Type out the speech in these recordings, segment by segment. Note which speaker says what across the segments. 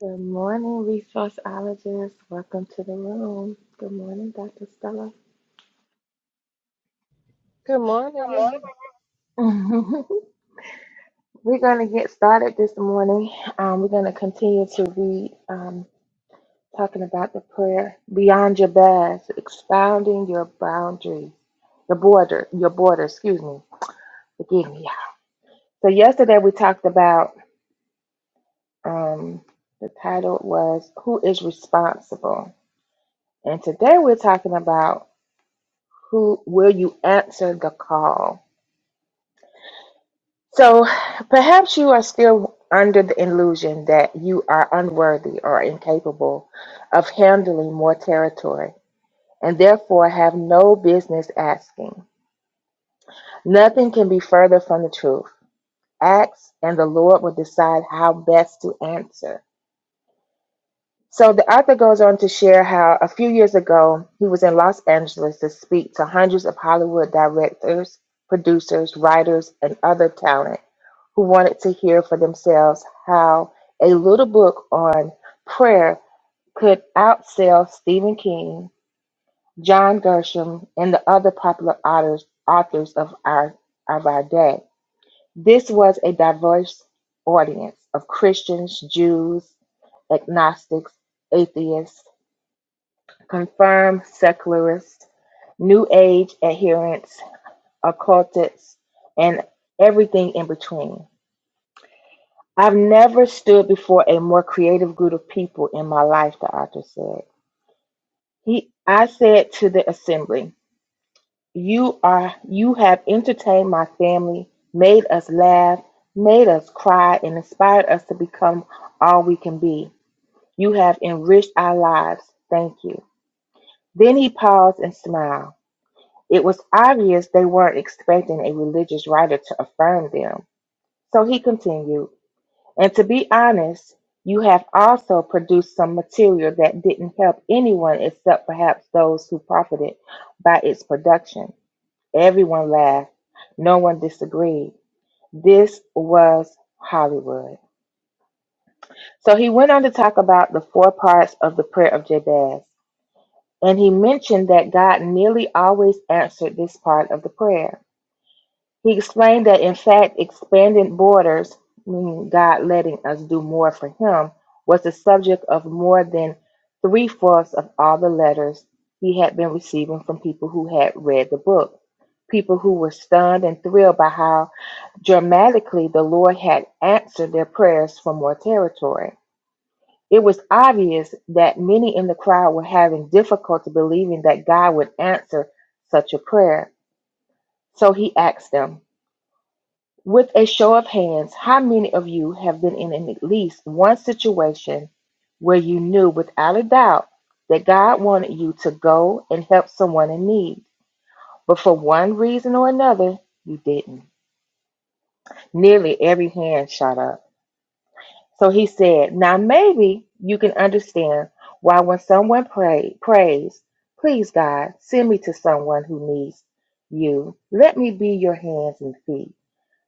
Speaker 1: Good morning, resourceologists. Welcome to the room. Good morning, Dr. Stella.
Speaker 2: Good morning.
Speaker 1: Good morning. we're going to get started this morning. Um, we're going to continue to read, um, talking about the prayer beyond your best, expounding your boundaries, your border, your border, excuse me. Forgive me. So, yesterday we talked about um, the title was Who is Responsible? And today we're talking about who will you answer the call? So perhaps you are still under the illusion that you are unworthy or incapable of handling more territory and therefore have no business asking. Nothing can be further from the truth. Ask, and the Lord will decide how best to answer. So the author goes on to share how a few years ago he was in Los Angeles to speak to hundreds of Hollywood directors, producers, writers, and other talent who wanted to hear for themselves how a little book on prayer could outsell Stephen King, John Gershom, and the other popular authors, authors of our of our day. This was a diverse audience of Christians, Jews, agnostics, atheists confirmed secularists, New Age adherents, occultists, and everything in between. I've never stood before a more creative group of people in my life, the author said. He, I said to the assembly, you are, you have entertained my family, made us laugh, made us cry, and inspired us to become all we can be. You have enriched our lives. Thank you. Then he paused and smiled. It was obvious they weren't expecting a religious writer to affirm them. So he continued, And to be honest, you have also produced some material that didn't help anyone except perhaps those who profited by its production. Everyone laughed. No one disagreed. This was Hollywood. So he went on to talk about the four parts of the prayer of Jabez. And he mentioned that God nearly always answered this part of the prayer. He explained that, in fact, expanding borders, meaning God letting us do more for Him, was the subject of more than three fourths of all the letters he had been receiving from people who had read the book. People who were stunned and thrilled by how dramatically the Lord had answered their prayers for more territory. It was obvious that many in the crowd were having difficulty believing that God would answer such a prayer. So he asked them, with a show of hands, how many of you have been in at least one situation where you knew without a doubt that God wanted you to go and help someone in need, but for one reason or another, you didn't? Nearly every hand shot up. So he said, Now maybe you can understand why when someone pray, prays, Please, God, send me to someone who needs you, let me be your hands and feet.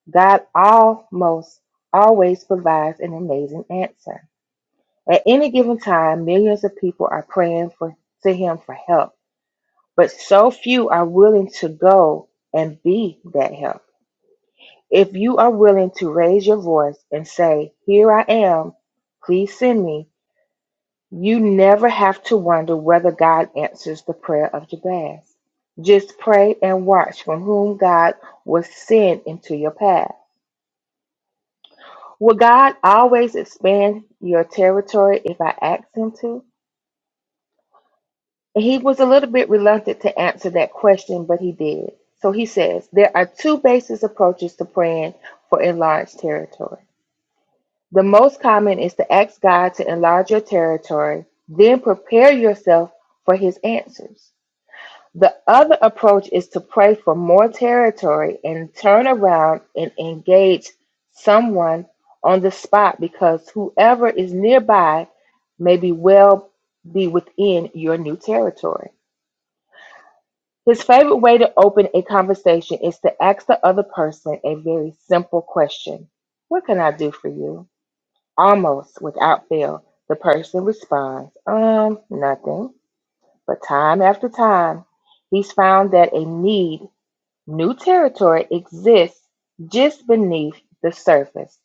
Speaker 1: God almost always provides an amazing answer. At any given time, millions of people are praying for, to Him for help, but so few are willing to go and be that help. If you are willing to raise your voice and say, Here I am, please send me, you never have to wonder whether God answers the prayer of Jabez. Just pray and watch from whom God will send into your path. Will God always expand your territory if I asked him to? And he was a little bit reluctant to answer that question, but he did. So he says there are two basic approaches to praying for enlarged territory. The most common is to ask God to enlarge your territory, then prepare yourself for his answers. The other approach is to pray for more territory and turn around and engage someone on the spot because whoever is nearby may be well be within your new territory. His favorite way to open a conversation is to ask the other person a very simple question. What can I do for you? Almost without fail, the person responds, um, nothing. But time after time, he's found that a need New territory exists just beneath the surface.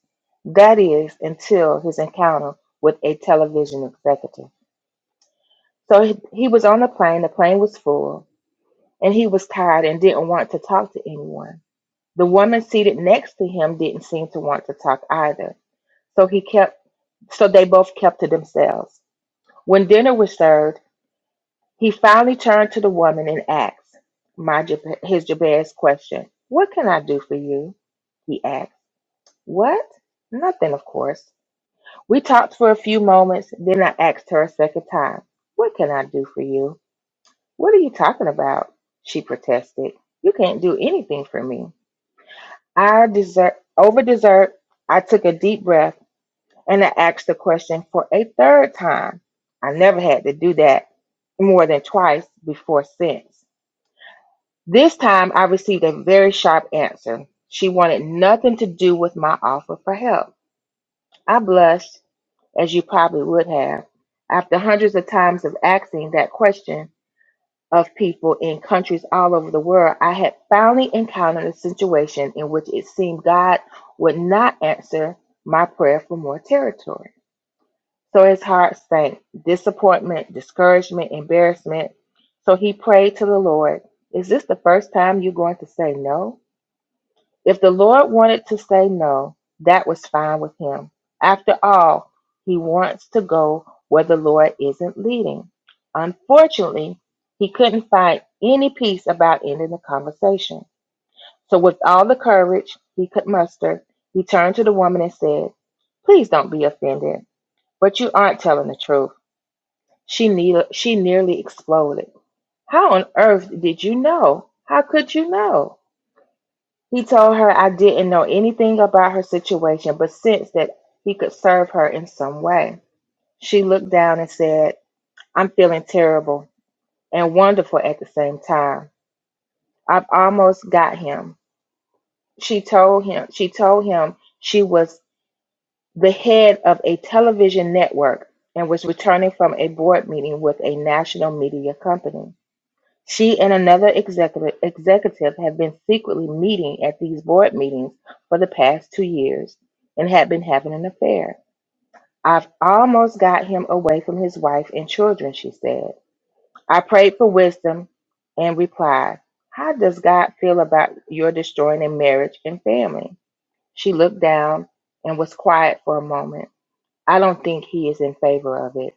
Speaker 1: That is, until his encounter with a television executive. So he, he was on the plane, the plane was full, and he was tired and didn't want to talk to anyone. The woman seated next to him didn't seem to want to talk either. So he kept so they both kept to themselves. When dinner was served, he finally turned to the woman and asked my Jab- his Jabez question, "What can I do for you?" he asked. What? Nothing, of course. We talked for a few moments, then I asked her a second time, What can I do for you? What are you talking about? She protested. You can't do anything for me. I desert over dessert, I took a deep breath and I asked the question for a third time. I never had to do that more than twice before since. This time I received a very sharp answer. She wanted nothing to do with my offer for help. I blushed as you probably would have, after hundreds of times of asking that question of people in countries all over the world, I had finally encountered a situation in which it seemed God would not answer my prayer for more territory. So his heart sank, disappointment, discouragement, embarrassment. So he prayed to the Lord, Is this the first time you're going to say no? If the Lord wanted to say no, that was fine with him. After all, he wants to go where the Lord isn't leading. Unfortunately, he couldn't find any peace about ending the conversation. So, with all the courage he could muster, he turned to the woman and said, Please don't be offended, but you aren't telling the truth. She, ne- she nearly exploded. How on earth did you know? How could you know? He told her I didn't know anything about her situation, but sensed that he could serve her in some way. She looked down and said, I'm feeling terrible and wonderful at the same time. I've almost got him. She told him she told him she was the head of a television network and was returning from a board meeting with a national media company. She and another executive executive have been secretly meeting at these board meetings for the past two years and had been having an affair. I've almost got him away from his wife and children, she said. I prayed for wisdom and replied, How does God feel about your destroying a marriage and family? She looked down and was quiet for a moment. I don't think he is in favor of it.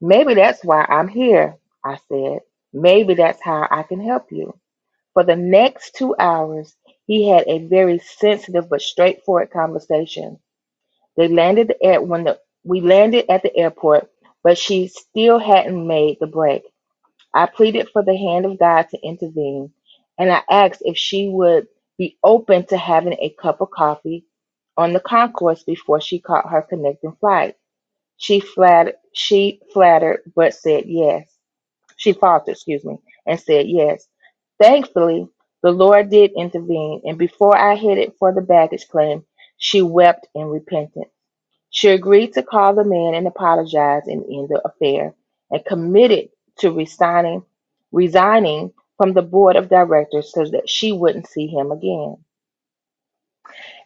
Speaker 1: Maybe that's why I'm here, I said. Maybe that's how I can help you. For the next two hours, he had a very sensitive but straightforward conversation. They landed at when the, we landed at the airport, but she still hadn't made the break. I pleaded for the hand of God to intervene, and I asked if she would be open to having a cup of coffee on the concourse before she caught her connecting flight. She flattered, she flattered, but said yes she faltered, excuse me, and said yes. Thankfully, the Lord did intervene, and before I headed for the baggage claim, she wept in repentance. She agreed to call the man and apologize and end the affair, and committed to resigning, resigning from the board of directors so that she wouldn't see him again.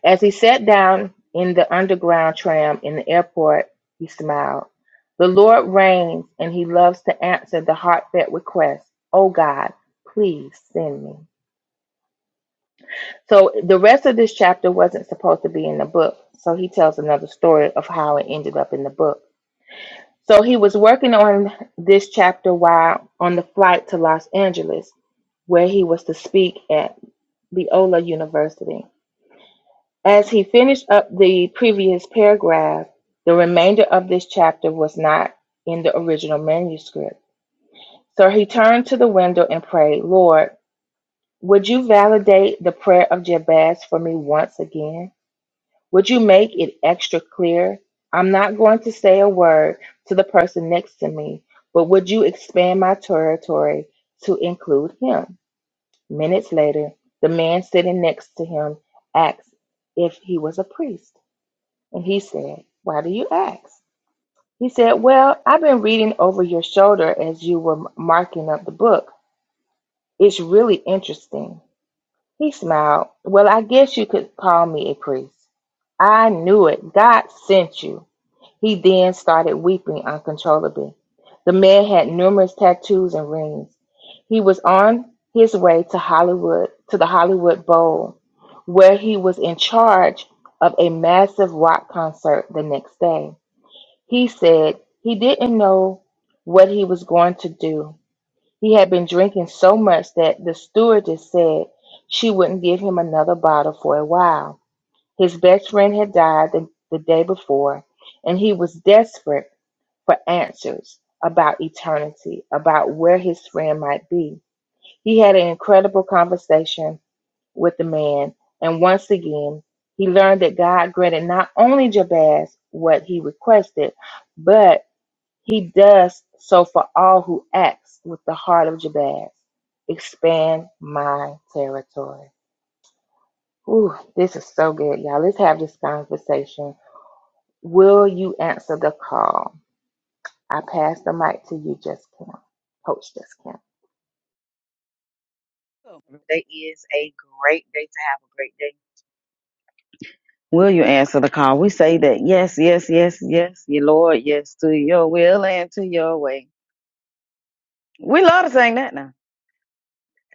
Speaker 1: As he sat down in the underground tram in the airport, he smiled. The Lord reigns and he loves to answer the heartfelt request, Oh God, please send me. So the rest of this chapter wasn't supposed to be in the book. So he tells another story of how it ended up in the book. So he was working on this chapter while on the flight to Los Angeles, where he was to speak at Loyola University. As he finished up the previous paragraph, the remainder of this chapter was not in the original manuscript. So he turned to the window and prayed, Lord, would you validate the prayer of Jabez for me once again? Would you make it extra clear? I'm not going to say a word to the person next to me, but would you expand my territory to include him? Minutes later, the man sitting next to him asked if he was a priest. And he said, Why do you ask? He said, Well, I've been reading over your shoulder as you were m- marking up the book. It's really interesting. He smiled. Well, I guess you could call me a priest. I knew it. God sent you. He then started weeping uncontrollably. The man had numerous tattoos and rings. He was on his way to Hollywood, to the Hollywood Bowl, where he was in charge of a massive rock concert the next day. He said he didn't know what he was going to do. He had been drinking so much that the stewardess said she wouldn't give him another bottle for a while. His best friend had died the, the day before, and he was desperate for answers about eternity, about where his friend might be. He had an incredible conversation with the man, and once again, he learned that God granted not only Jabez what he requested, but he does so for all who acts with the heart of Jabez. Expand my territory. Ooh, this is so good, y'all. Let's have this conversation. Will you answer the call? I pass the mic to you, Just Kim. Coach Just Kim.
Speaker 3: Today is a great day to have a great day. Will you answer the call? We say that yes, yes, yes, yes, your Lord, yes to your will and to your way. We love to sing that now,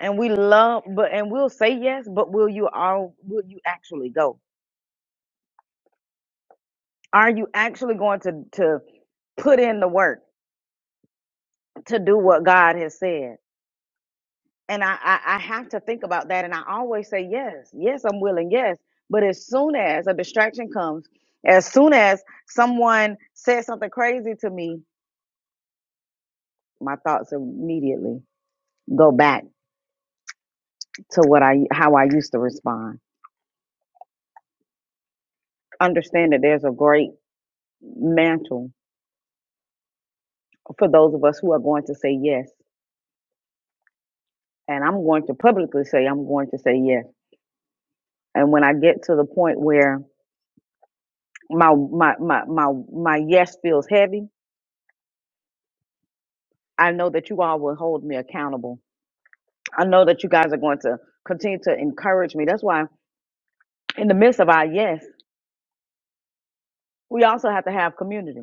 Speaker 3: and we love, but and we'll say yes, but will you all? Will you actually go? Are you actually going to to put in the work to do what God has said? and I, I I have to think about that. And I always say yes, yes, I'm willing, yes. But as soon as a distraction comes, as soon as someone says something crazy to me, my thoughts immediately go back to what I how I used to respond. Understand that there's a great mantle for those of us who are going to say yes, and I'm going to publicly say I'm going to say yes. And when I get to the point where my my my my, my yes feels heavy I know that you all will hold me accountable. I know that you guys are going to continue to encourage me. That's why, in the midst of our yes, we also have to have community.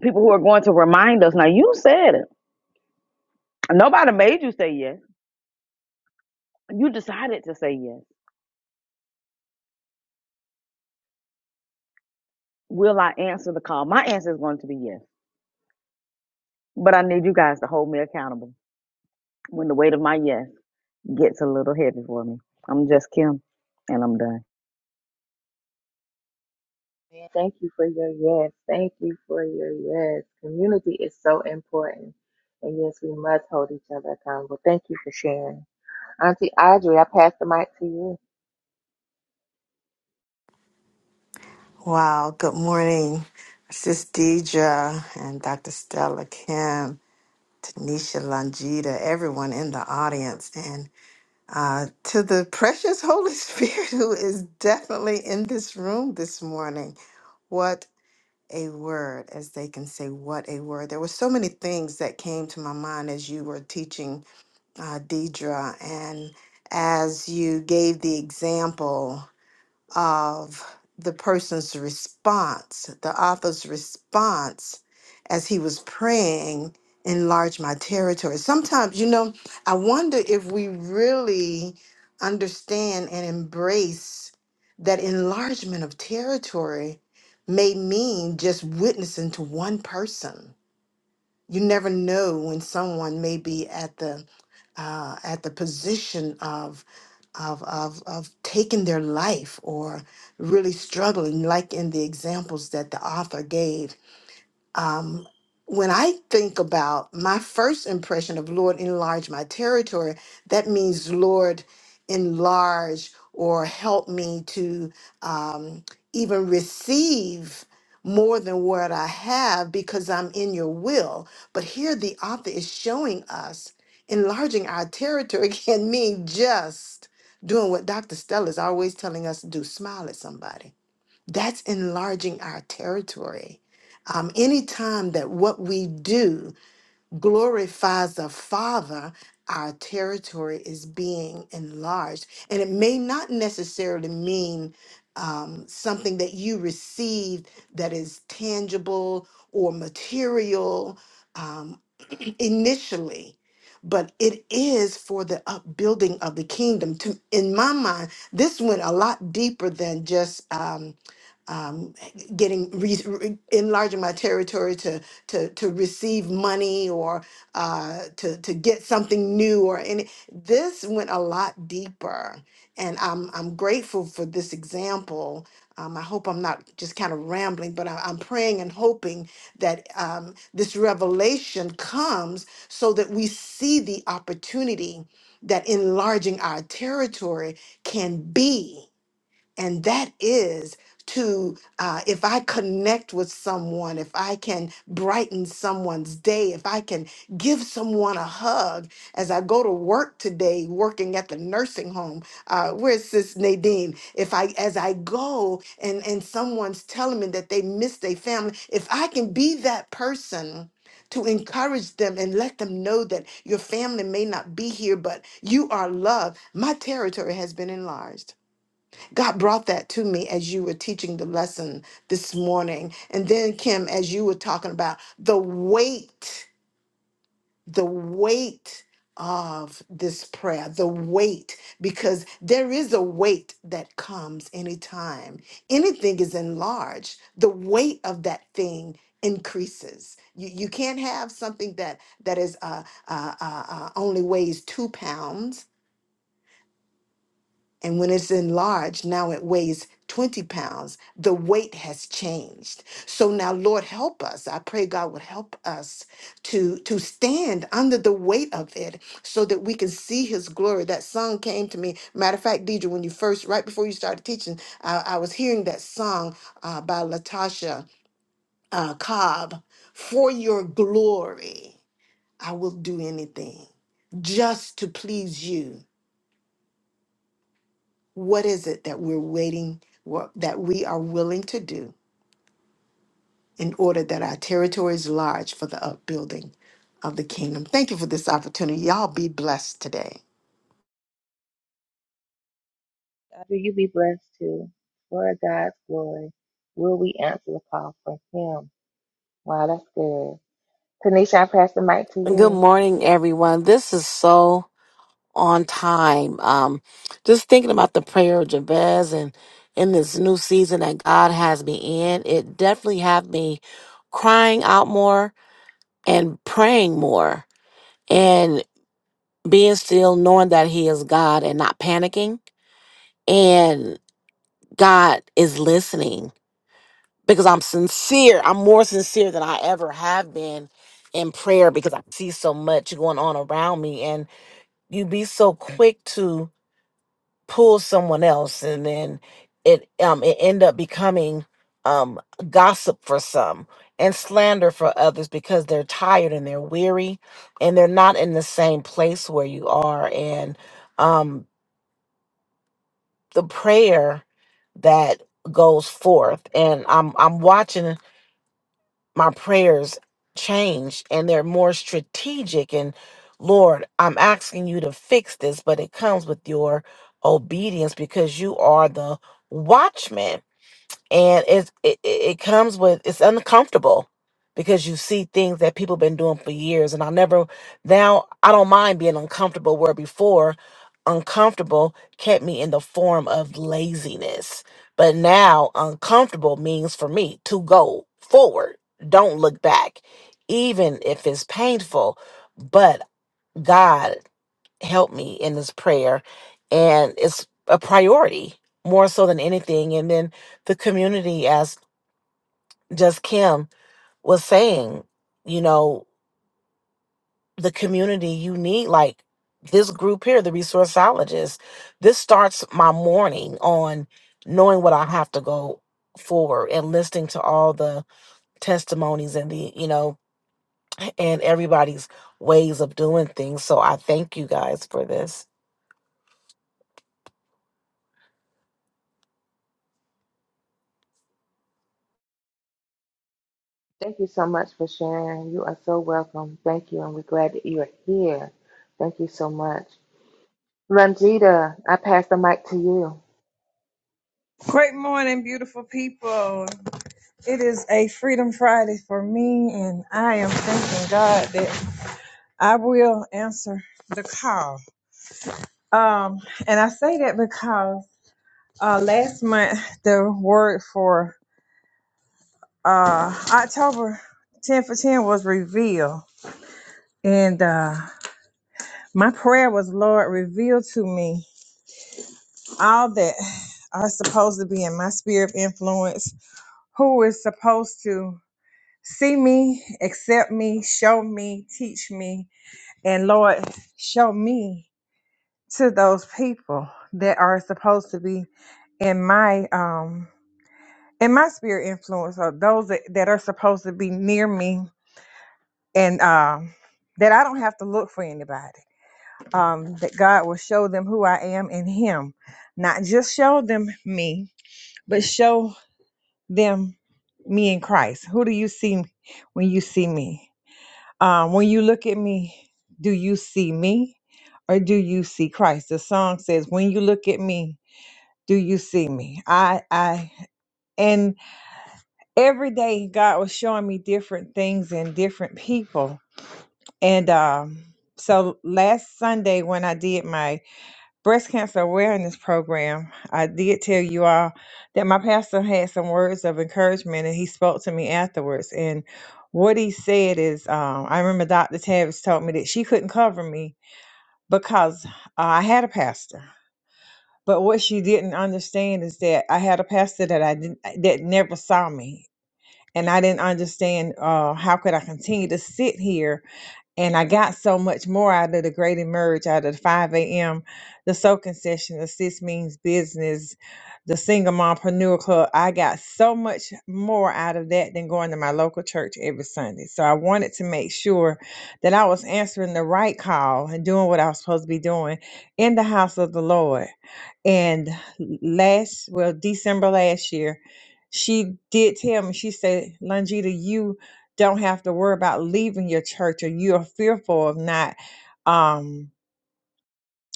Speaker 3: People who are going to remind us. Now, you said it. Nobody made you say yes. You decided to say yes. Will I answer the call? My answer is going to be yes. But I need you guys to hold me accountable when the weight of my yes gets a little heavy for me. I'm just Kim, and I'm done.
Speaker 1: Man, Thank you for your yes. Thank you for your yes. Community is so important. And yes, we must hold each other accountable. Thank you for sharing. Auntie Audrey, I pass the mic to you.
Speaker 4: Wow, good morning, Sis Deidre and Dr. Stella Kim, Tanisha Langita, everyone in the audience, and uh, to the precious Holy Spirit who is definitely in this room this morning. What a word, as they can say, what a word. There were so many things that came to my mind as you were teaching uh, Deidre and as you gave the example of the person's response, the author's response as he was praying, enlarge my territory. Sometimes, you know, I wonder if we really understand and embrace that enlargement of territory may mean just witnessing to one person. You never know when someone may be at the uh, at the position of of, of of taking their life or really struggling, like in the examples that the author gave um, when I think about my first impression of Lord, enlarge my territory, that means Lord, enlarge or help me to um, even receive more than what I have because I'm in your will. But here the author is showing us enlarging our territory can mean just doing what Dr. Stella is always telling us to do smile at somebody that's enlarging our territory. Um, anytime that what we do glorifies the Father, our territory is being enlarged. And it may not necessarily mean um, something that you received that is tangible or material um, initially, but it is for the upbuilding of the kingdom. To, in my mind, this went a lot deeper than just. um, um, getting re- re- enlarging my territory to to to receive money or uh, to to get something new or any. This went a lot deeper, and I'm I'm grateful for this example. Um, I hope I'm not just kind of rambling, but I, I'm praying and hoping that um, this revelation comes so that we see the opportunity that enlarging our territory can be and that is to uh, if i connect with someone if i can brighten someone's day if i can give someone a hug as i go to work today working at the nursing home uh, where's sis nadine if i as i go and and someone's telling me that they miss their family if i can be that person to encourage them and let them know that your family may not be here, but you are loved. My territory has been enlarged. God brought that to me as you were teaching the lesson this morning. And then, Kim, as you were talking about the weight, the weight of this prayer, the weight, because there is a weight that comes anytime anything is enlarged, the weight of that thing increases you, you can't have something that that is uh, uh, uh, uh, only weighs two pounds And when it's enlarged, now it weighs 20 pounds. The weight has changed. So now, Lord, help us. I pray God would help us to, to stand under the weight of it so that we can see his glory. That song came to me. Matter of fact, Deidre, when you first, right before you started teaching, I, I was hearing that song uh, by Latasha uh, Cobb, For Your Glory, I Will Do Anything, just to please you What is it that we're waiting, what, that we are willing to do in order that our territory is large for the upbuilding of the kingdom? Thank you for this opportunity. Y'all be blessed today.
Speaker 1: After you be blessed too, for God's glory, will we answer the call for Him? Wow, that's good. Tanisha, I pass the mic to
Speaker 5: Good
Speaker 1: you.
Speaker 5: morning, everyone. This is so on time. Um, just thinking about the prayer of Jabez and in this new season that God has me in, it definitely had me crying out more and praying more and being still, knowing that He is God and not panicking. And God is listening because I'm sincere. I'm more sincere than I ever have been in prayer because I see so much going on around me. you be so quick to pull someone else and then it um it end up becoming um gossip for some and slander for others because they're tired and they're weary and they're not in the same place where you are and um the prayer that goes forth and I'm I'm watching my prayers change and they're more strategic and lord i'm asking you to fix this but it comes with your obedience because you are the watchman and it's, it it it comes with it's uncomfortable because you see things that people been doing for years and i never now i don't mind being uncomfortable where before uncomfortable kept me in the form of laziness but now uncomfortable means for me to go forward don't look back even if it's painful but god helped me in this prayer and it's a priority more so than anything and then the community as just kim was saying you know the community you need like this group here the resourceologists. this starts my morning on knowing what i have to go forward and listening to all the testimonies and the you know and everybody's ways of doing things so i thank you guys for this
Speaker 1: Thank you so much for sharing. You are so welcome. Thank you, and we're glad that you are here. Thank you so much. Longita, I pass the mic to you.
Speaker 6: Great morning, beautiful people. It is a Freedom Friday for me, and I am thanking God that I will answer the call. Um, and I say that because uh, last month the word for uh, October 10 for 10 was reveal, and uh, my prayer was, Lord, reveal to me all that are supposed to be in my sphere of influence, who is supposed to See me, accept me, show me, teach me, and Lord, show me to those people that are supposed to be in my um in my spirit influence or those that, that are supposed to be near me and um that I don't have to look for anybody. Um that God will show them who I am in him. Not just show them me, but show them me in Christ. Who do you see when you see me? um, when you look at me, do you see me or do you see Christ? The song says, when you look at me, do you see me? I, I, and every day God was showing me different things and different people. And, um, so last Sunday when I did my breast cancer awareness program. I did tell you all that my pastor had some words of encouragement and he spoke to me afterwards. And what he said is, um, I remember Dr. Tavis told me that she couldn't cover me because uh, I had a pastor. But what she didn't understand is that I had a pastor that I didn't, that never saw me. And I didn't understand uh, how could I continue to sit here and I got so much more out of the Great Emerge, out of the 5 a.m., the soaking session, the Sis Means Business, the Single Mompreneur Club. I got so much more out of that than going to my local church every Sunday. So I wanted to make sure that I was answering the right call and doing what I was supposed to be doing in the house of the Lord and last well december last year she did tell me she said longita you don't have to worry about leaving your church or you're fearful of not um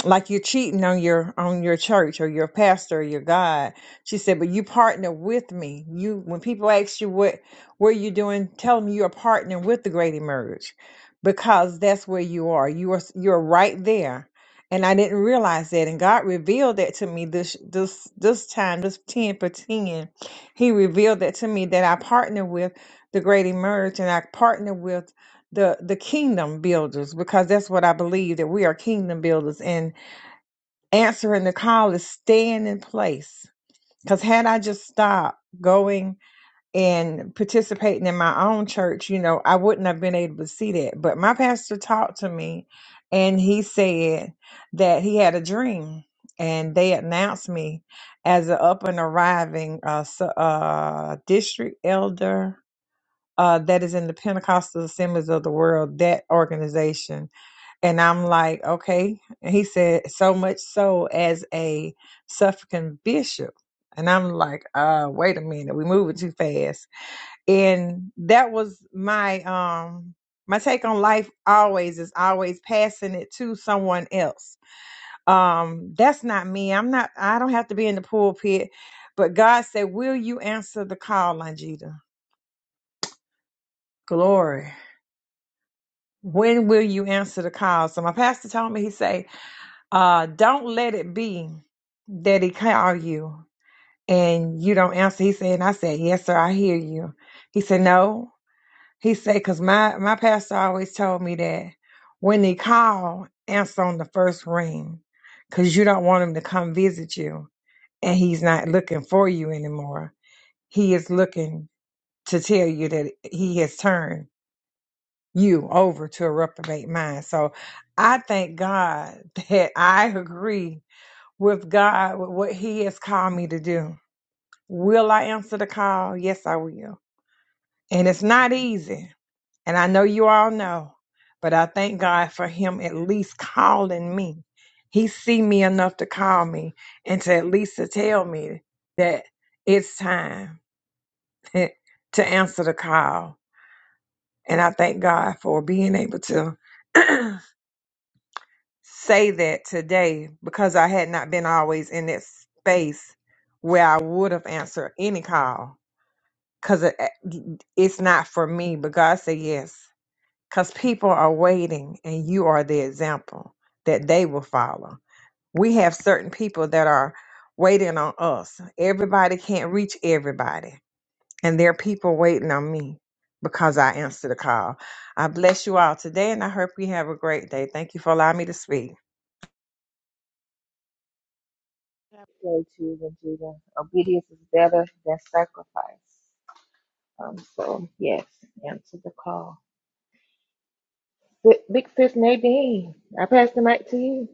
Speaker 6: like you're cheating on your on your church or your pastor or your God. She said, but you partner with me. You when people ask you what what are you doing, tell them you are partnering with the Great Emerge because that's where you are. You are s- you're right there. And I didn't realize that. And God revealed that to me this this this time, this 10 for 10. He revealed that to me that I partner with the Great Emerge and I partner with the the kingdom builders because that's what I believe that we are kingdom builders and answering the call is staying in place. Because had I just stopped going and participating in my own church, you know, I wouldn't have been able to see that. But my pastor talked to me and he said that he had a dream and they announced me as an up and arriving uh, su- uh, district elder uh, that is in the Pentecostal Assemblies of the World, that organization and I'm like, okay. And he said, so much so as a Suffragan bishop. And I'm like, uh, wait a minute, we moving too fast. And that was my um my take on life always is always passing it to someone else. Um, that's not me. I'm not I don't have to be in the pulpit. But God said, Will you answer the call, Longita? Glory. When will you answer the call? So my pastor told me, he say, Uh, don't let it be that he call you and you don't answer. He said, and I said, yes, sir, I hear you. He said, no. He said, because my, my pastor always told me that when they call, answer on the first ring because you don't want him to come visit you and he's not looking for you anymore. He is looking to tell you that he has turned you over to a reprobate mind. So I thank God that I agree with God, with what He has called me to do. Will I answer the call? Yes, I will. And it's not easy. And I know you all know, but I thank God for Him at least calling me. He see me enough to call me and to at least to tell me that it's time to answer the call. And I thank God for being able to say that today because I had not been always in that space where I would have answered any call because it, it's not for me. But God said yes because people are waiting and you are the example that they will follow. We have certain people that are waiting on us. Everybody can't reach everybody, and there are people waiting on me because I answered the call. I bless you all today, and I hope you have a great day. Thank you for allowing me to speak.
Speaker 1: Go to Longita. Obedience is better than sacrifice. Um, so, yes, answer the call. Big Big Sis Nadine, I pass the mic to you.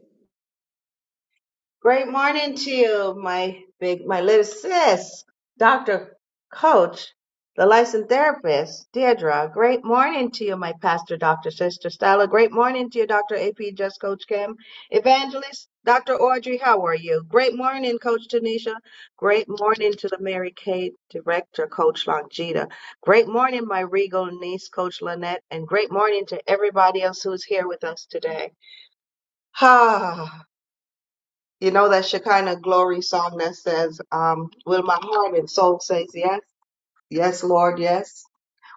Speaker 7: Great morning to you, my big, my little sis, Dr. Coach, the licensed therapist, Deirdre. Great morning to you, my pastor, Dr. Sister Stella. Great morning to you, Dr. AP, just Coach Kim. Evangelist, Dr. Audrey, how are you? Great morning, Coach Tanisha. Great morning to the Mary Kay director, Coach Longita. Great morning, my regal niece, Coach Lynette. And great morning to everybody else who's here with us today. You know that Shekinah glory song that says, um, Will my heart and soul say yes? Yes, Lord, yes.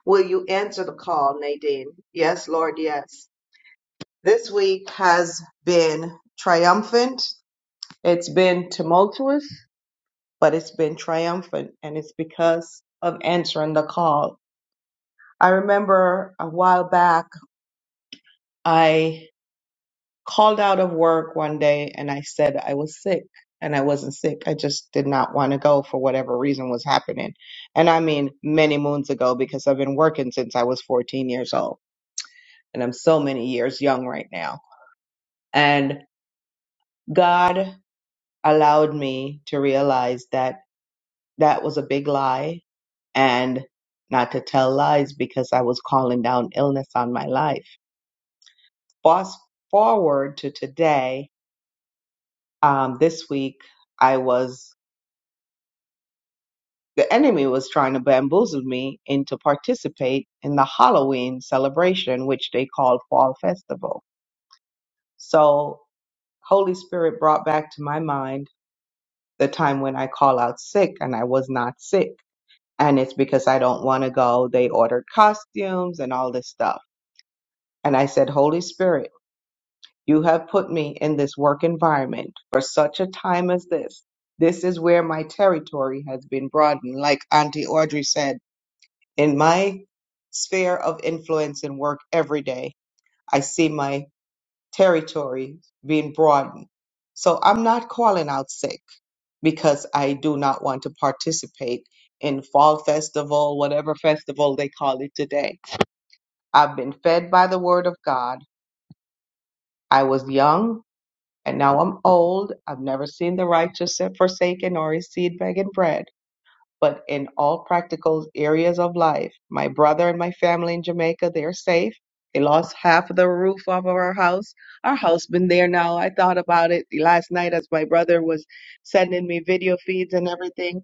Speaker 7: Will you answer the call, Nadine? Yes, Lord, yes. This week has been triumphant. It's been tumultuous, but it's been triumphant, and it's because of answering the call. I remember a while back, I. called out of work one day and I said I was sick and I wasn't sick. I just did not want to go for whatever reason was happening. And I mean many moons ago because I've been working since I was 14 years old and I'm so many years young right now. And God allowed me to realize that that was a big lie and not to tell lies because I was calling down illness on my life. Fast forward to today, um, this week, I was The enemy was trying to bamboozle me into participate in the Halloween celebration, which they called Fall Festival. So Holy Spirit brought back to my mind the time when I call out sick and I was not sick. And it's because I don't want to go. They ordered costumes and all this stuff. And I said, Holy Spirit, you have put me in this work environment for such a time as this. This is where my territory has been broadened. Like Auntie Audrey said. in my sphere of influence and work every day, I see my territory being broadened. So I'm not calling out sick because I do not want to participate in fall festival, whatever festival they call it today. I've been fed by the word of God. I was young and now I'm old. I've never seen the righteous forsaken or his seed begging bread. but in all practical areas of life. My brother and my family in Jamaica, they're safe. They lost half of the roof off of our house. Our house been there now. I thought about it last night as my brother was sending me video feeds and everything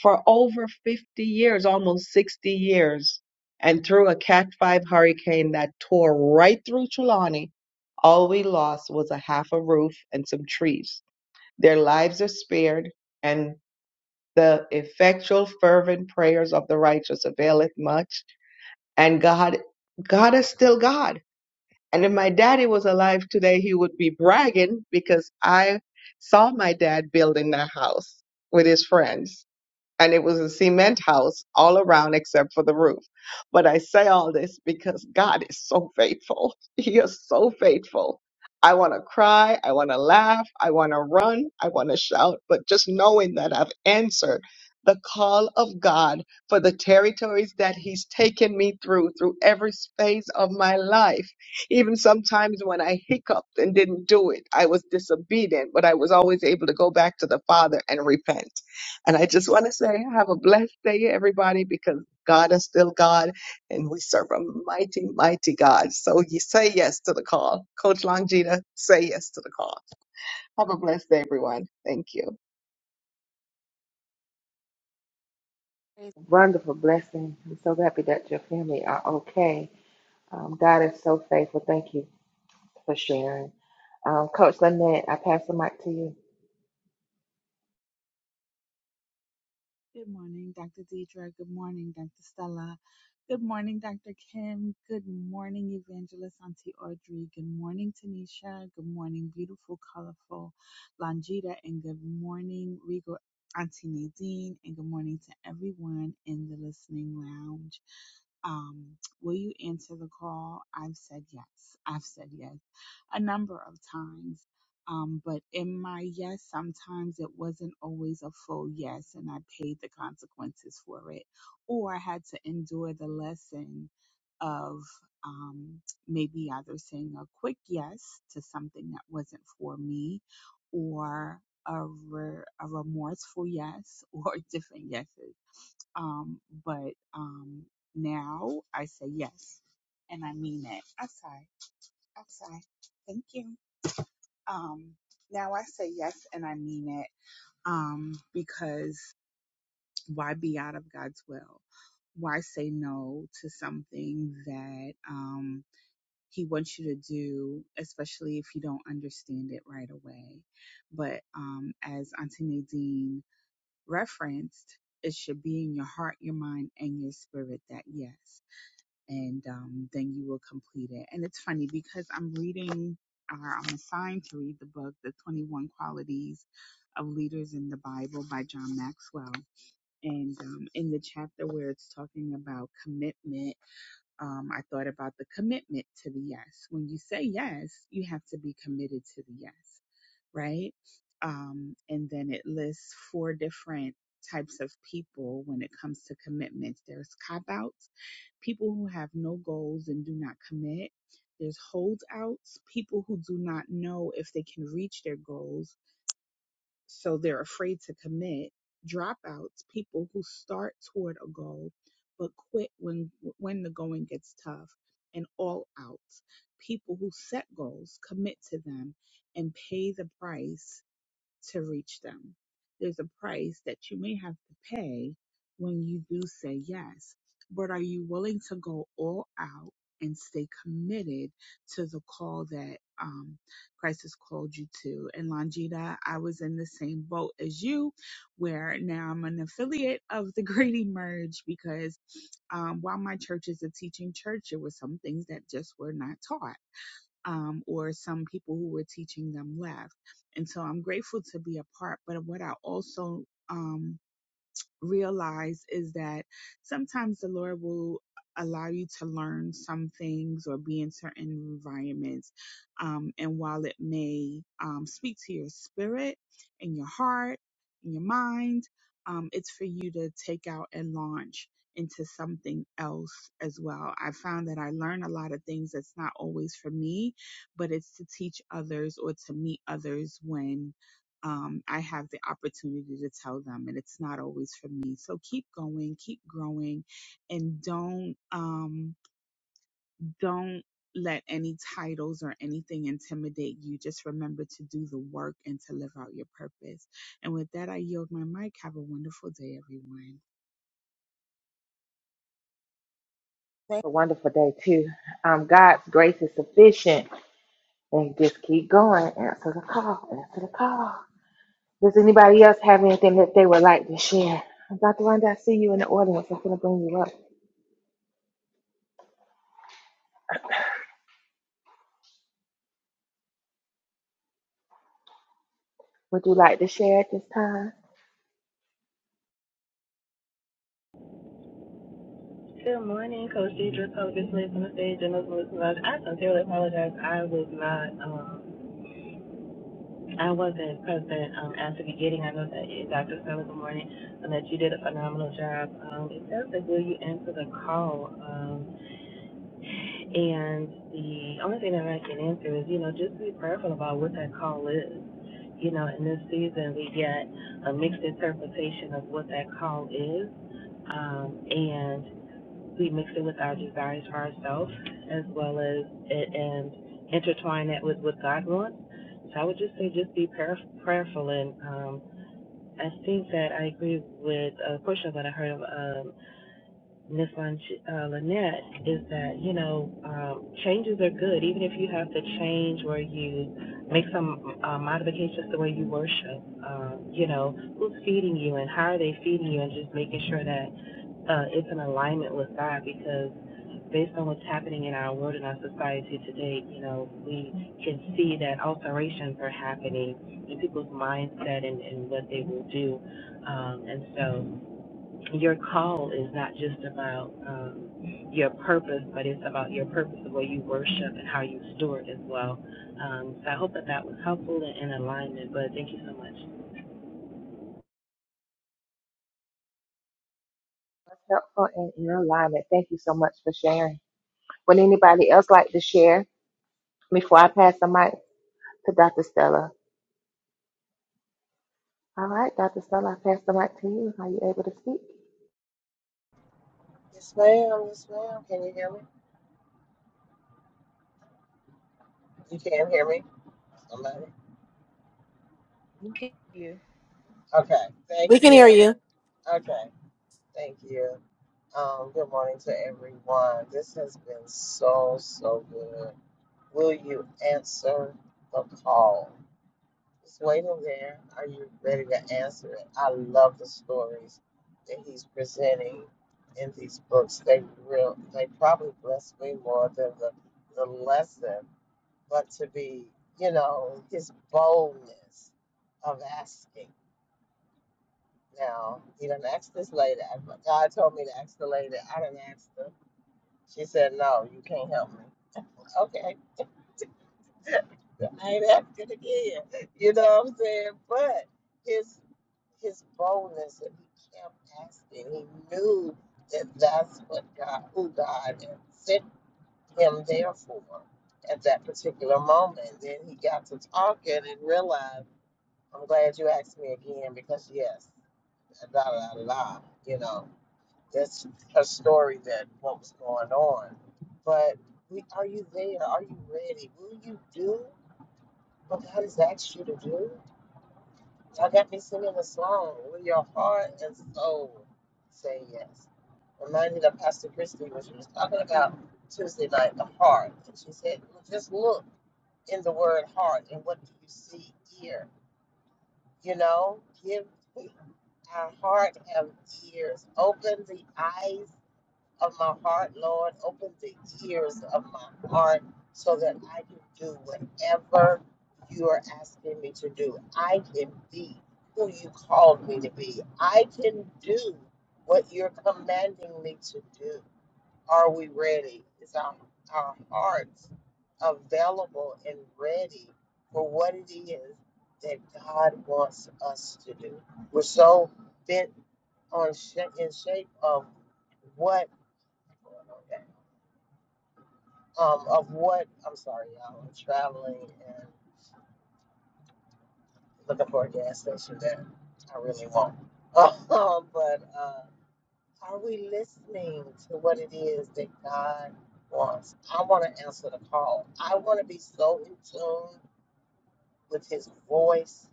Speaker 7: for over 50 years, almost 60 years. And through a Cat 5 hurricane that tore right through Trelawney, all we lost was a half a roof and some trees. Their lives are spared, and. The effectual fervent prayers of the righteous availeth much, and God God is still God. And if my daddy was alive today, he would be bragging because I saw my dad building that house with his friends and it was a cement house all around except for the roof. But I say all this because God is so faithful. He is so faithful. I want to cry. I want to laugh. I want to run. I want to shout. But just knowing that I've answered the call of God for the territories that He's taken me through, through every phase of my life. Even sometimes when I hiccuped and didn't do it, I was disobedient, but I was always able to go back to the Father and repent and I just want to say, have a blessed day, everybody, because God is still God and we serve a mighty, mighty God. So you say yes to the call. Coach Longita, say yes to the call. Have a blessed day, everyone. Thank you.
Speaker 1: It's a wonderful blessing. I'm so happy that your family are okay. Um, God is so faithful. Thank you for sharing. Um, Coach Lynette, I pass the mic to you.
Speaker 8: Good morning, Dr. Deidre. Good morning, Dr. Stella. Good morning, Dr. Kim. Good morning, Evangelist Auntie Audrey. Good morning, Tanisha. Good morning, beautiful, colorful Longita. And good morning, Regal Auntie Nadine. And good morning to everyone in the listening lounge. Um, will you answer the call? I've said yes. I've said yes a number of times. Um, but in my yes, sometimes it wasn't always a full yes, and I paid the consequences for it, or I had to endure the lesson of um, maybe either saying a quick yes to something that wasn't for me, or a, re- a remorseful yes, or different yeses. Um, but um, now I say yes, and I mean it. I'm sorry. I'm sorry. Thank you. Um, now I say yes and I mean it um, because why be out of God's will? Why say no to something that um, He wants you to do, especially if you don't understand it right away? But um, as Auntie Nadine referenced, it should be in your heart, your mind, and your spirit that yes and um, then you will complete it. And it's funny because I'm reading, or I'm assigned to read the book, The 21 Qualities of Leaders in the Bible by John Maxwell. And um, in the chapter where it's talking about commitment, um, I thought about the commitment to the yes. When you say yes, you have to be committed to the yes, right? Um, and then it lists four different types of people when it comes to commitments. There's cop outs people who have no goals and do not commit. There's holdouts, people who do not know if they can reach their goals, so they're afraid to commit. Dropouts, people who start toward a goal but quit when when the going gets tough. And all outs, people who set goals, commit to them, and pay the price to reach them. There's a price that you may have to pay when you do say yes, but are you willing to go all out and stay committed to the call that um, Christ has called you to? And Longita, I was in the same boat as you, where now I'm an affiliate of the Great Emerge because um, while my church is a teaching church, there were some things that just were not taught um, or some people who were teaching them left. And so I'm grateful to be a part. But what I also, um, realize is that sometimes the Lord will allow you to learn some things or be in certain environments. Um, and while it may um, speak to your spirit and your heart and your mind, um, it's for you to take out and launch into something else as well. I found that I learn a lot of things that's not always for me, but it's to teach others or to meet others when um, I have the opportunity to tell them, and it's not always for me. So keep going, keep growing, and don't um, don't let any titles or anything intimidate you. Just remember to do the work and to live out your purpose. And with that, I yield my mic. Have a wonderful day, everyone.
Speaker 1: Thank you. A wonderful day, too. Um, God's grace is sufficient. And just keep going. Answer the call. Answer the call. Does anybody else have anything that they would like to share? Dr. Wanda, I see you in the audience. I'm going to bring you up. Would you like to share at this time?
Speaker 9: Good morning, Coach Deidre, Coach Smith on the stage, and those listeners. I sincerely apologize. I was not, um, I wasn't present um, at the beginning. I know that you, Dr. Stella, good morning, and that you did a phenomenal job. Um, it says that will you answer the call? Um, and the only thing that I can answer is, you know, just be prayerful about what that call is. You know, in this season, we get a mixed interpretation of what that call is. Um, and we mix it with our desires for ourselves as well as it, and intertwine that with what God wants. So I would just say just be prayer, prayerful and um, I think that I agree with a portion of what I heard. of Um, Miss Lin- uh, Lynette is that you know um, changes are good, even if you have to change where you make some uh, modifications to the way you worship. Um, you know who's feeding you and how are they feeding you, and just making sure that uh, it's in alignment with God because based on what's happening in our world and our society today, you know, we can see that alterations are happening in people's mindset and, and what they will do. Um, and so your call is not just about um, your purpose, but it's about your purpose, the way you worship and how you steward as well. Um, so I hope that that was helpful and in alignment. But thank you so much.
Speaker 1: Helpful and in alignment. Thank you so much for sharing. Would anybody else like to share? before I pass the mic to Dr. Stella. All right, Dr. Stella, I pass the mic to you. Are you able to speak?
Speaker 2: Yes, ma'am. Yes, ma'am. Can you hear me? You can hear me? Somebody?
Speaker 1: Thank you.
Speaker 2: Okay. Thank
Speaker 5: we can hear
Speaker 2: you.
Speaker 5: you
Speaker 2: Okay. Thank you. Um, good morning to everyone. This has been so, so good. Will you answer the call? Just waiting there. Are you ready to answer it? I love the stories that he's presenting in these books. They real they probably bless me more than the the lesson, but to be, you know, his boldness of asking. Now, he done asked this lady. I- God told me to ask the lady. I done asked her. She said, No, you can't help me. Okay. I ain't African again. You know what I'm saying? But his his boldness and he kept asking. He knew that that's what God, who God had sent him there for at that particular moment. Then he got to talking and realized, I'm glad you asked me again because yes, da da da da. You know, that's her story that what was going on. But we, are you there? Are you ready? Will you do? But God has asked you to do. Y'all got me singing the song with your heart and soul. Say yes. Reminded that Pastor Christie when she was talking about Tuesday night, the heart. And she said, "Well, just look in the word heart and what do you see here? You know, give our heart have ears. Open the eyes of my heart, Lord. Open the ears of my heart so that I can do whatever you are asking me to do. I can be who you called me to be. I can do what you're commanding me to do. Are we ready? Is our, our hearts available and ready for what it is that God wants us to do? We're so bent on sha in shape of what um, of what? I'm sorry, y'all. I'm traveling and looking for a gas station that I really want. Um, but uh, are we listening to what it is that God wants? I want to answer the call. I want to be so in tune with His voice.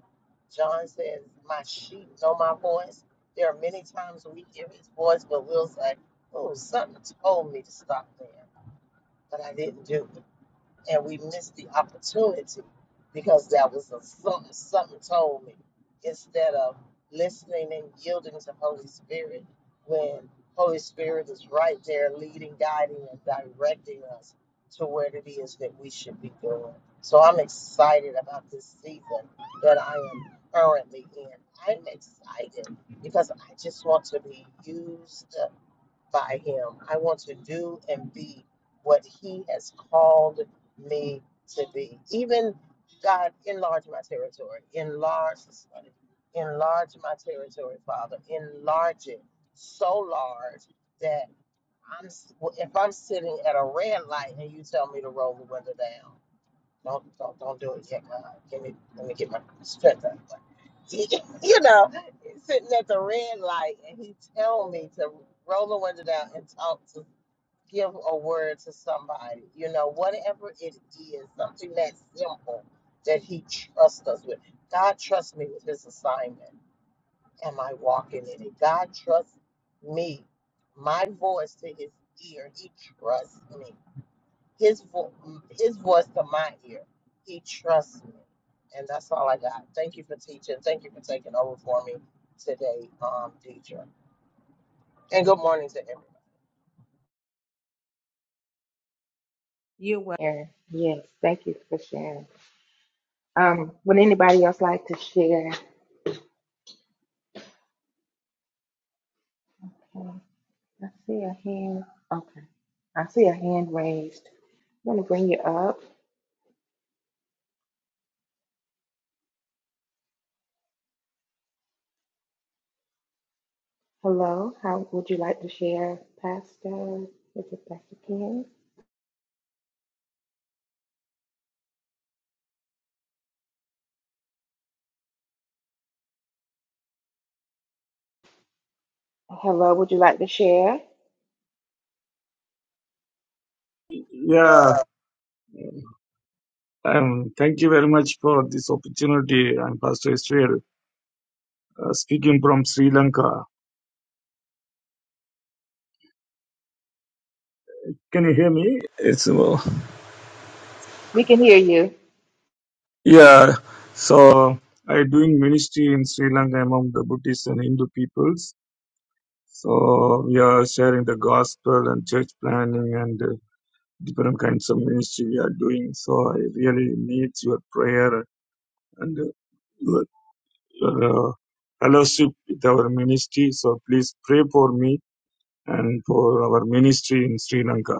Speaker 2: John says, "My sheep know my voice." There are many times we hear His voice, but we'll say, "Oh, something told me to stop there, but I didn't do it." and we missed the opportunity because that was a something something told me instead of listening and yielding to holy spirit when holy spirit is right there leading guiding and directing us to where it is that we should be going so i'm excited about this season that i am currently in i'm excited because i just want to be used by Him. I want to do and be what He has called me to be. Even God, enlarge my territory. Enlarge, this morning. enlarge my territory, Father. Enlarge it so large that I'm, if I'm sitting at a red light and you tell me to roll the window down. Don't don't don't do it yet, man. Give me let me get my strength up. you know, sitting at the red light and he telling me to roll the window down and talk to give a word to somebody, you know, whatever it is, something that simple that he trusts us with. God trusts me with his assignment. Am I walking in it? God trusts me, my voice to his ear. He trusts me. His vo- his voice to my ear. He trusts me, and that's all I got. Thank you for teaching. Thank you for taking over for me today, um, teacher. And good morning to everyone.
Speaker 1: You're welcome. Sharon. Yes, thank you for sharing. Um, would anybody else like to share? Um, I see a hand. Okay, I see a hand raised. I'm going to bring you up. Hello, how would you like to share, Pastor? Is it Pastor Ken? Hello, would you like to share?
Speaker 10: Yeah, um, thank you very much for this opportunity. I'm Pastor Israel, uh, speaking from Sri Lanka. Can you hear me? It's well,
Speaker 1: We can hear you.
Speaker 10: yeah. So i doing ministry in Sri Lanka among the Buddhist and Hindu peoples. So we are sharing the gospel and church planning and uh, different kinds of ministry we are doing. So I really need your prayer and uh, your, your uh, fellowship with our ministry. So please pray for me and for our ministry in Sri Lanka.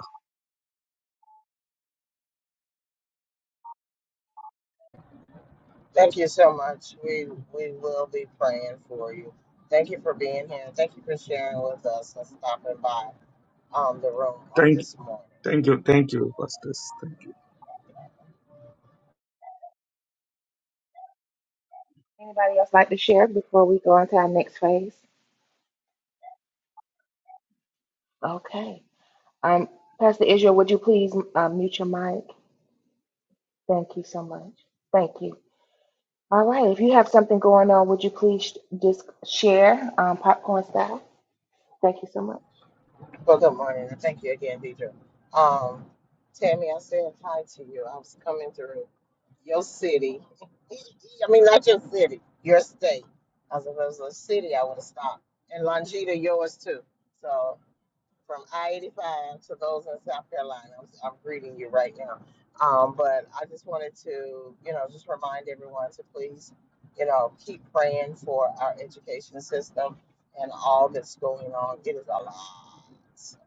Speaker 2: Thank you so much. We we will be praying for you. Thank you for being here. Thank you for sharing with us and stopping by um, the room on
Speaker 10: Thank,
Speaker 2: this morning.
Speaker 10: thank you, thank you, pastors. Thank you.
Speaker 1: Anybody else like to share before we go into our next phase? Okay. Um, Pastor Israel, would you please uh, mute your mic? Thank you so much. Thank you. All right. If you have something going on, would you please just share um, popcorn style? Thank you so much.
Speaker 2: Well, good morning, and thank you again, Deidre. Um, Tammy, I said hi to you. I was coming through your city. I mean, not your city, your state. As was if it was a city, I would have stopped. And Longita, yours too. So from I-85 to those in South Carolina. I'm, I'm greeting you right now. Um, but I just wanted to, you know, just remind everyone to please, you know, keep praying for our education system and all that's going on. It is a lot,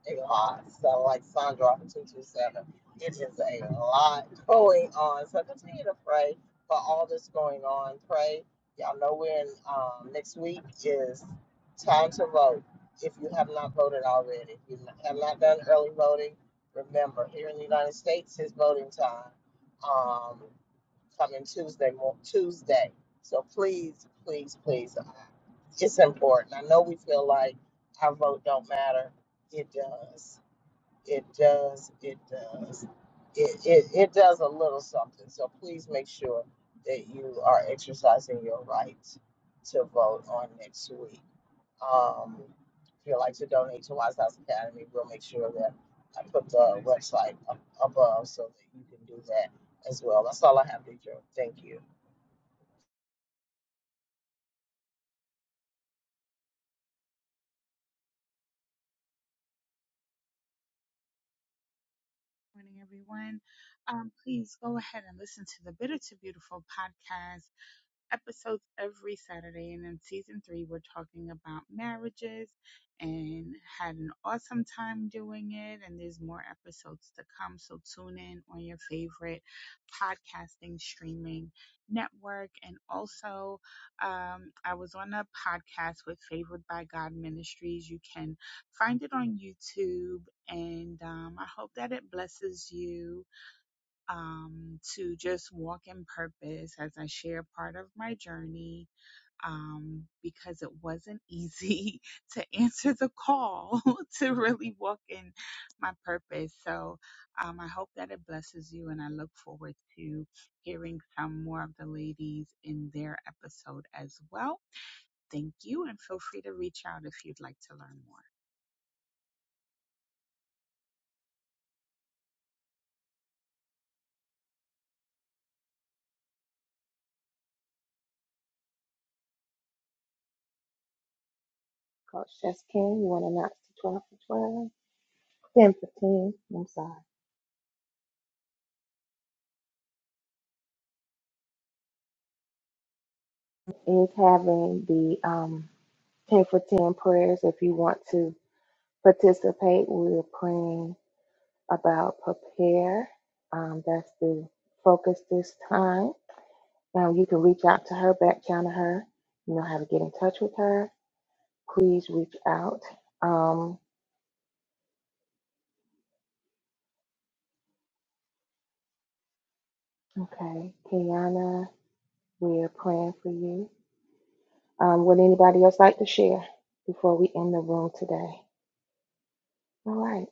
Speaker 2: a lot. So like Sandra off 227, it is a lot going on. So continue to pray for all that's going on. Pray. Y'all know when um, next week is time to vote if you have not voted already. If you have not done early voting, remember, here in the United States, it's voting time um, coming Tuesday, mo- Tuesday. So please, please, please, uh, it's important. I know we feel like our vote don't matter. It does. It does. It does. It, it, it does a little something. So please make sure that you are exercising your right to vote on next week. Um, if you'd like to donate to Wise House Academy, we'll make sure that I put the website up above so that you can do that as well. That's all I have, Deidre. Thank you.
Speaker 8: Morning, everyone. Um, please go ahead and listen to the Bitter to Beautiful podcast episodes every Saturday. And in season three, we're talking about marriages and had an awesome time doing it. And there's more episodes to come. So tune in on your favorite podcasting streaming network. And also, um, I was on a podcast with Favored by God Ministries. You can find it on YouTube. And um, I hope that it blesses you um, to just walk in purpose as I share part of my journey um, because it wasn't easy to answer the call to really walk in my purpose. So um, I hope that it blesses you, and I look forward to hearing some more of the ladies in their episode as well. Thank you, and feel free to reach out if you'd like to learn more.
Speaker 1: Coach Jess King, you want to announce the 12 for 12? 10 for 10, I'm sorry, is having the um, 10 for 10 prayers. If you want to participate, we're praying about prepare. Um, that's the focus this time. Now you can reach out to her, back channel her. You know how to get in touch with her. Please reach out. Um, okay, Kiana, we're praying for you. Um, would anybody else like to share before we end the room today? All right.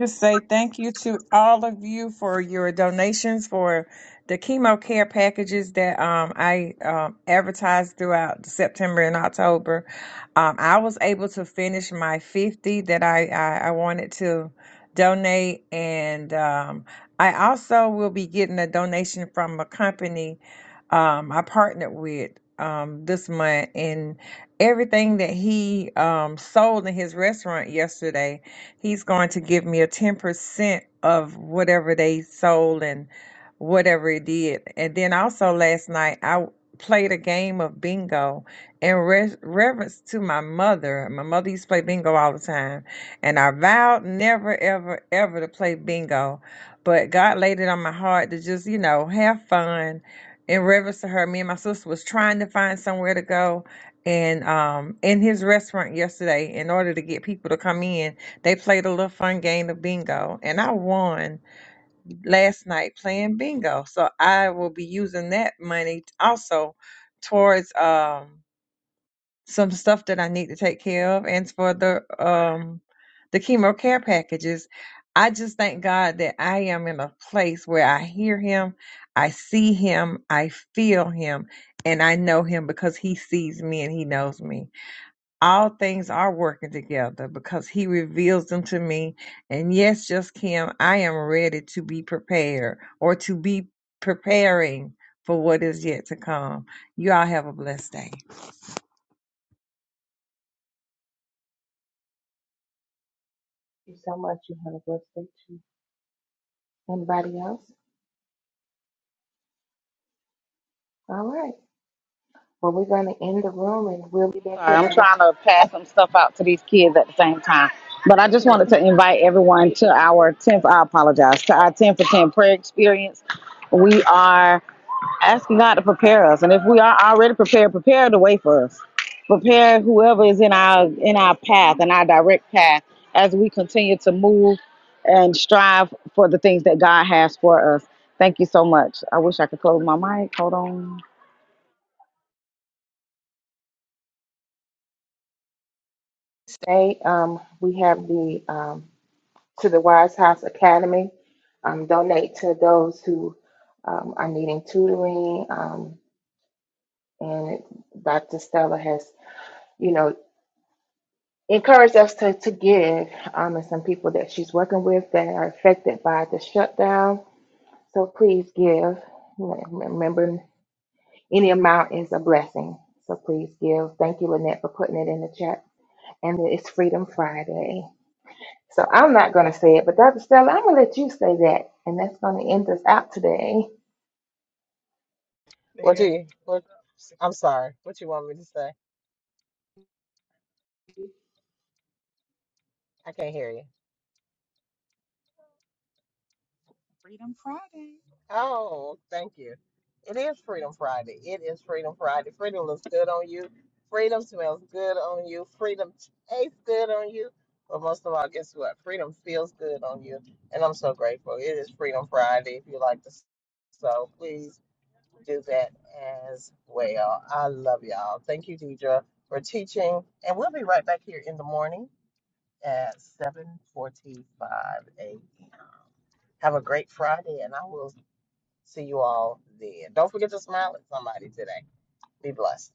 Speaker 6: just say thank you to all of you for your donations for the chemo care packages that um, I um, advertised throughout September and October. Um, I was able to finish my 50 that I, I, I wanted to donate. And um, I also will be getting a donation from a company um, I partnered with um, this month. And everything that he um, sold in his restaurant yesterday he's going to give me a 10% of whatever they sold and whatever it did. And then also last night, I played a game of bingo in re- reverence to my mother. My mother used to play bingo all the time. And I vowed never, ever, ever to play bingo. But God laid it on my heart to just, you know, have fun in reverence to her. Me and my sister was trying to find somewhere to go and um in his restaurant yesterday in order to get people to come in they played a little fun game of bingo, and I won last night playing bingo. So I will be using that money also towards um, some stuff that I need to take care of, and for the um, the chemo care packages. I just thank God that I am in a place where I hear Him, I see Him, I feel Him, and I know Him because He sees me and He knows me all things are working together because he reveals them to me. And yes, just Kim, I am ready to be prepared or to be preparing for what is yet to come. You all have a blessed day.
Speaker 1: Thank you so much. You have a blessed day too. Anybody else? All right. Well, we're going to end the room and we'll be back
Speaker 3: Sorry,
Speaker 1: here
Speaker 3: I'm
Speaker 1: tomorrow.
Speaker 3: trying to pass some stuff out to these kids at the same time. But I just wanted to invite everyone to our 10th, I apologize, to our 10 for 10 prayer experience. We are asking God to prepare us. And if we are already prepared, prepare the way for us. Prepare whoever is in our in our path, in our direct path, as we continue to move and strive for the things that God has for us. Thank you so much. I wish I could close my mic. Hold on.
Speaker 1: Stay. Um, we have the um, to the Wise House Academy. Um, donate to those who um, are needing tutoring. Um, and Dr. Stella has, you know, encouraged us to, to give. Um, and some people that she's working with that are affected by the shutdown. So please give. Remember, any amount is a blessing. So please give. Thank you, Lynette, for putting it in the chat. And it's Freedom Friday. So I'm not going to say it, but Dr. Stella, I'm going to let you say that. And that's going to end us out today.
Speaker 2: What do you? What? I'm sorry. What you want me to say? I can't hear you.
Speaker 8: Freedom Friday.
Speaker 2: Oh, thank you. It is Freedom Friday. It is Freedom Friday. Freedom looks good on you. Freedom smells good on you. Freedom tastes good on you. But most of all, guess what? Freedom feels good on you. And I'm so grateful. It is Freedom Friday. If you like to, so please do that as well. I love y'all. Thank you, Deidre, for teaching. And we'll be right back here in the morning at 7:45 a.m. Have a great Friday, and I will. See you all then. Don't forget to smile at somebody today. Be blessed.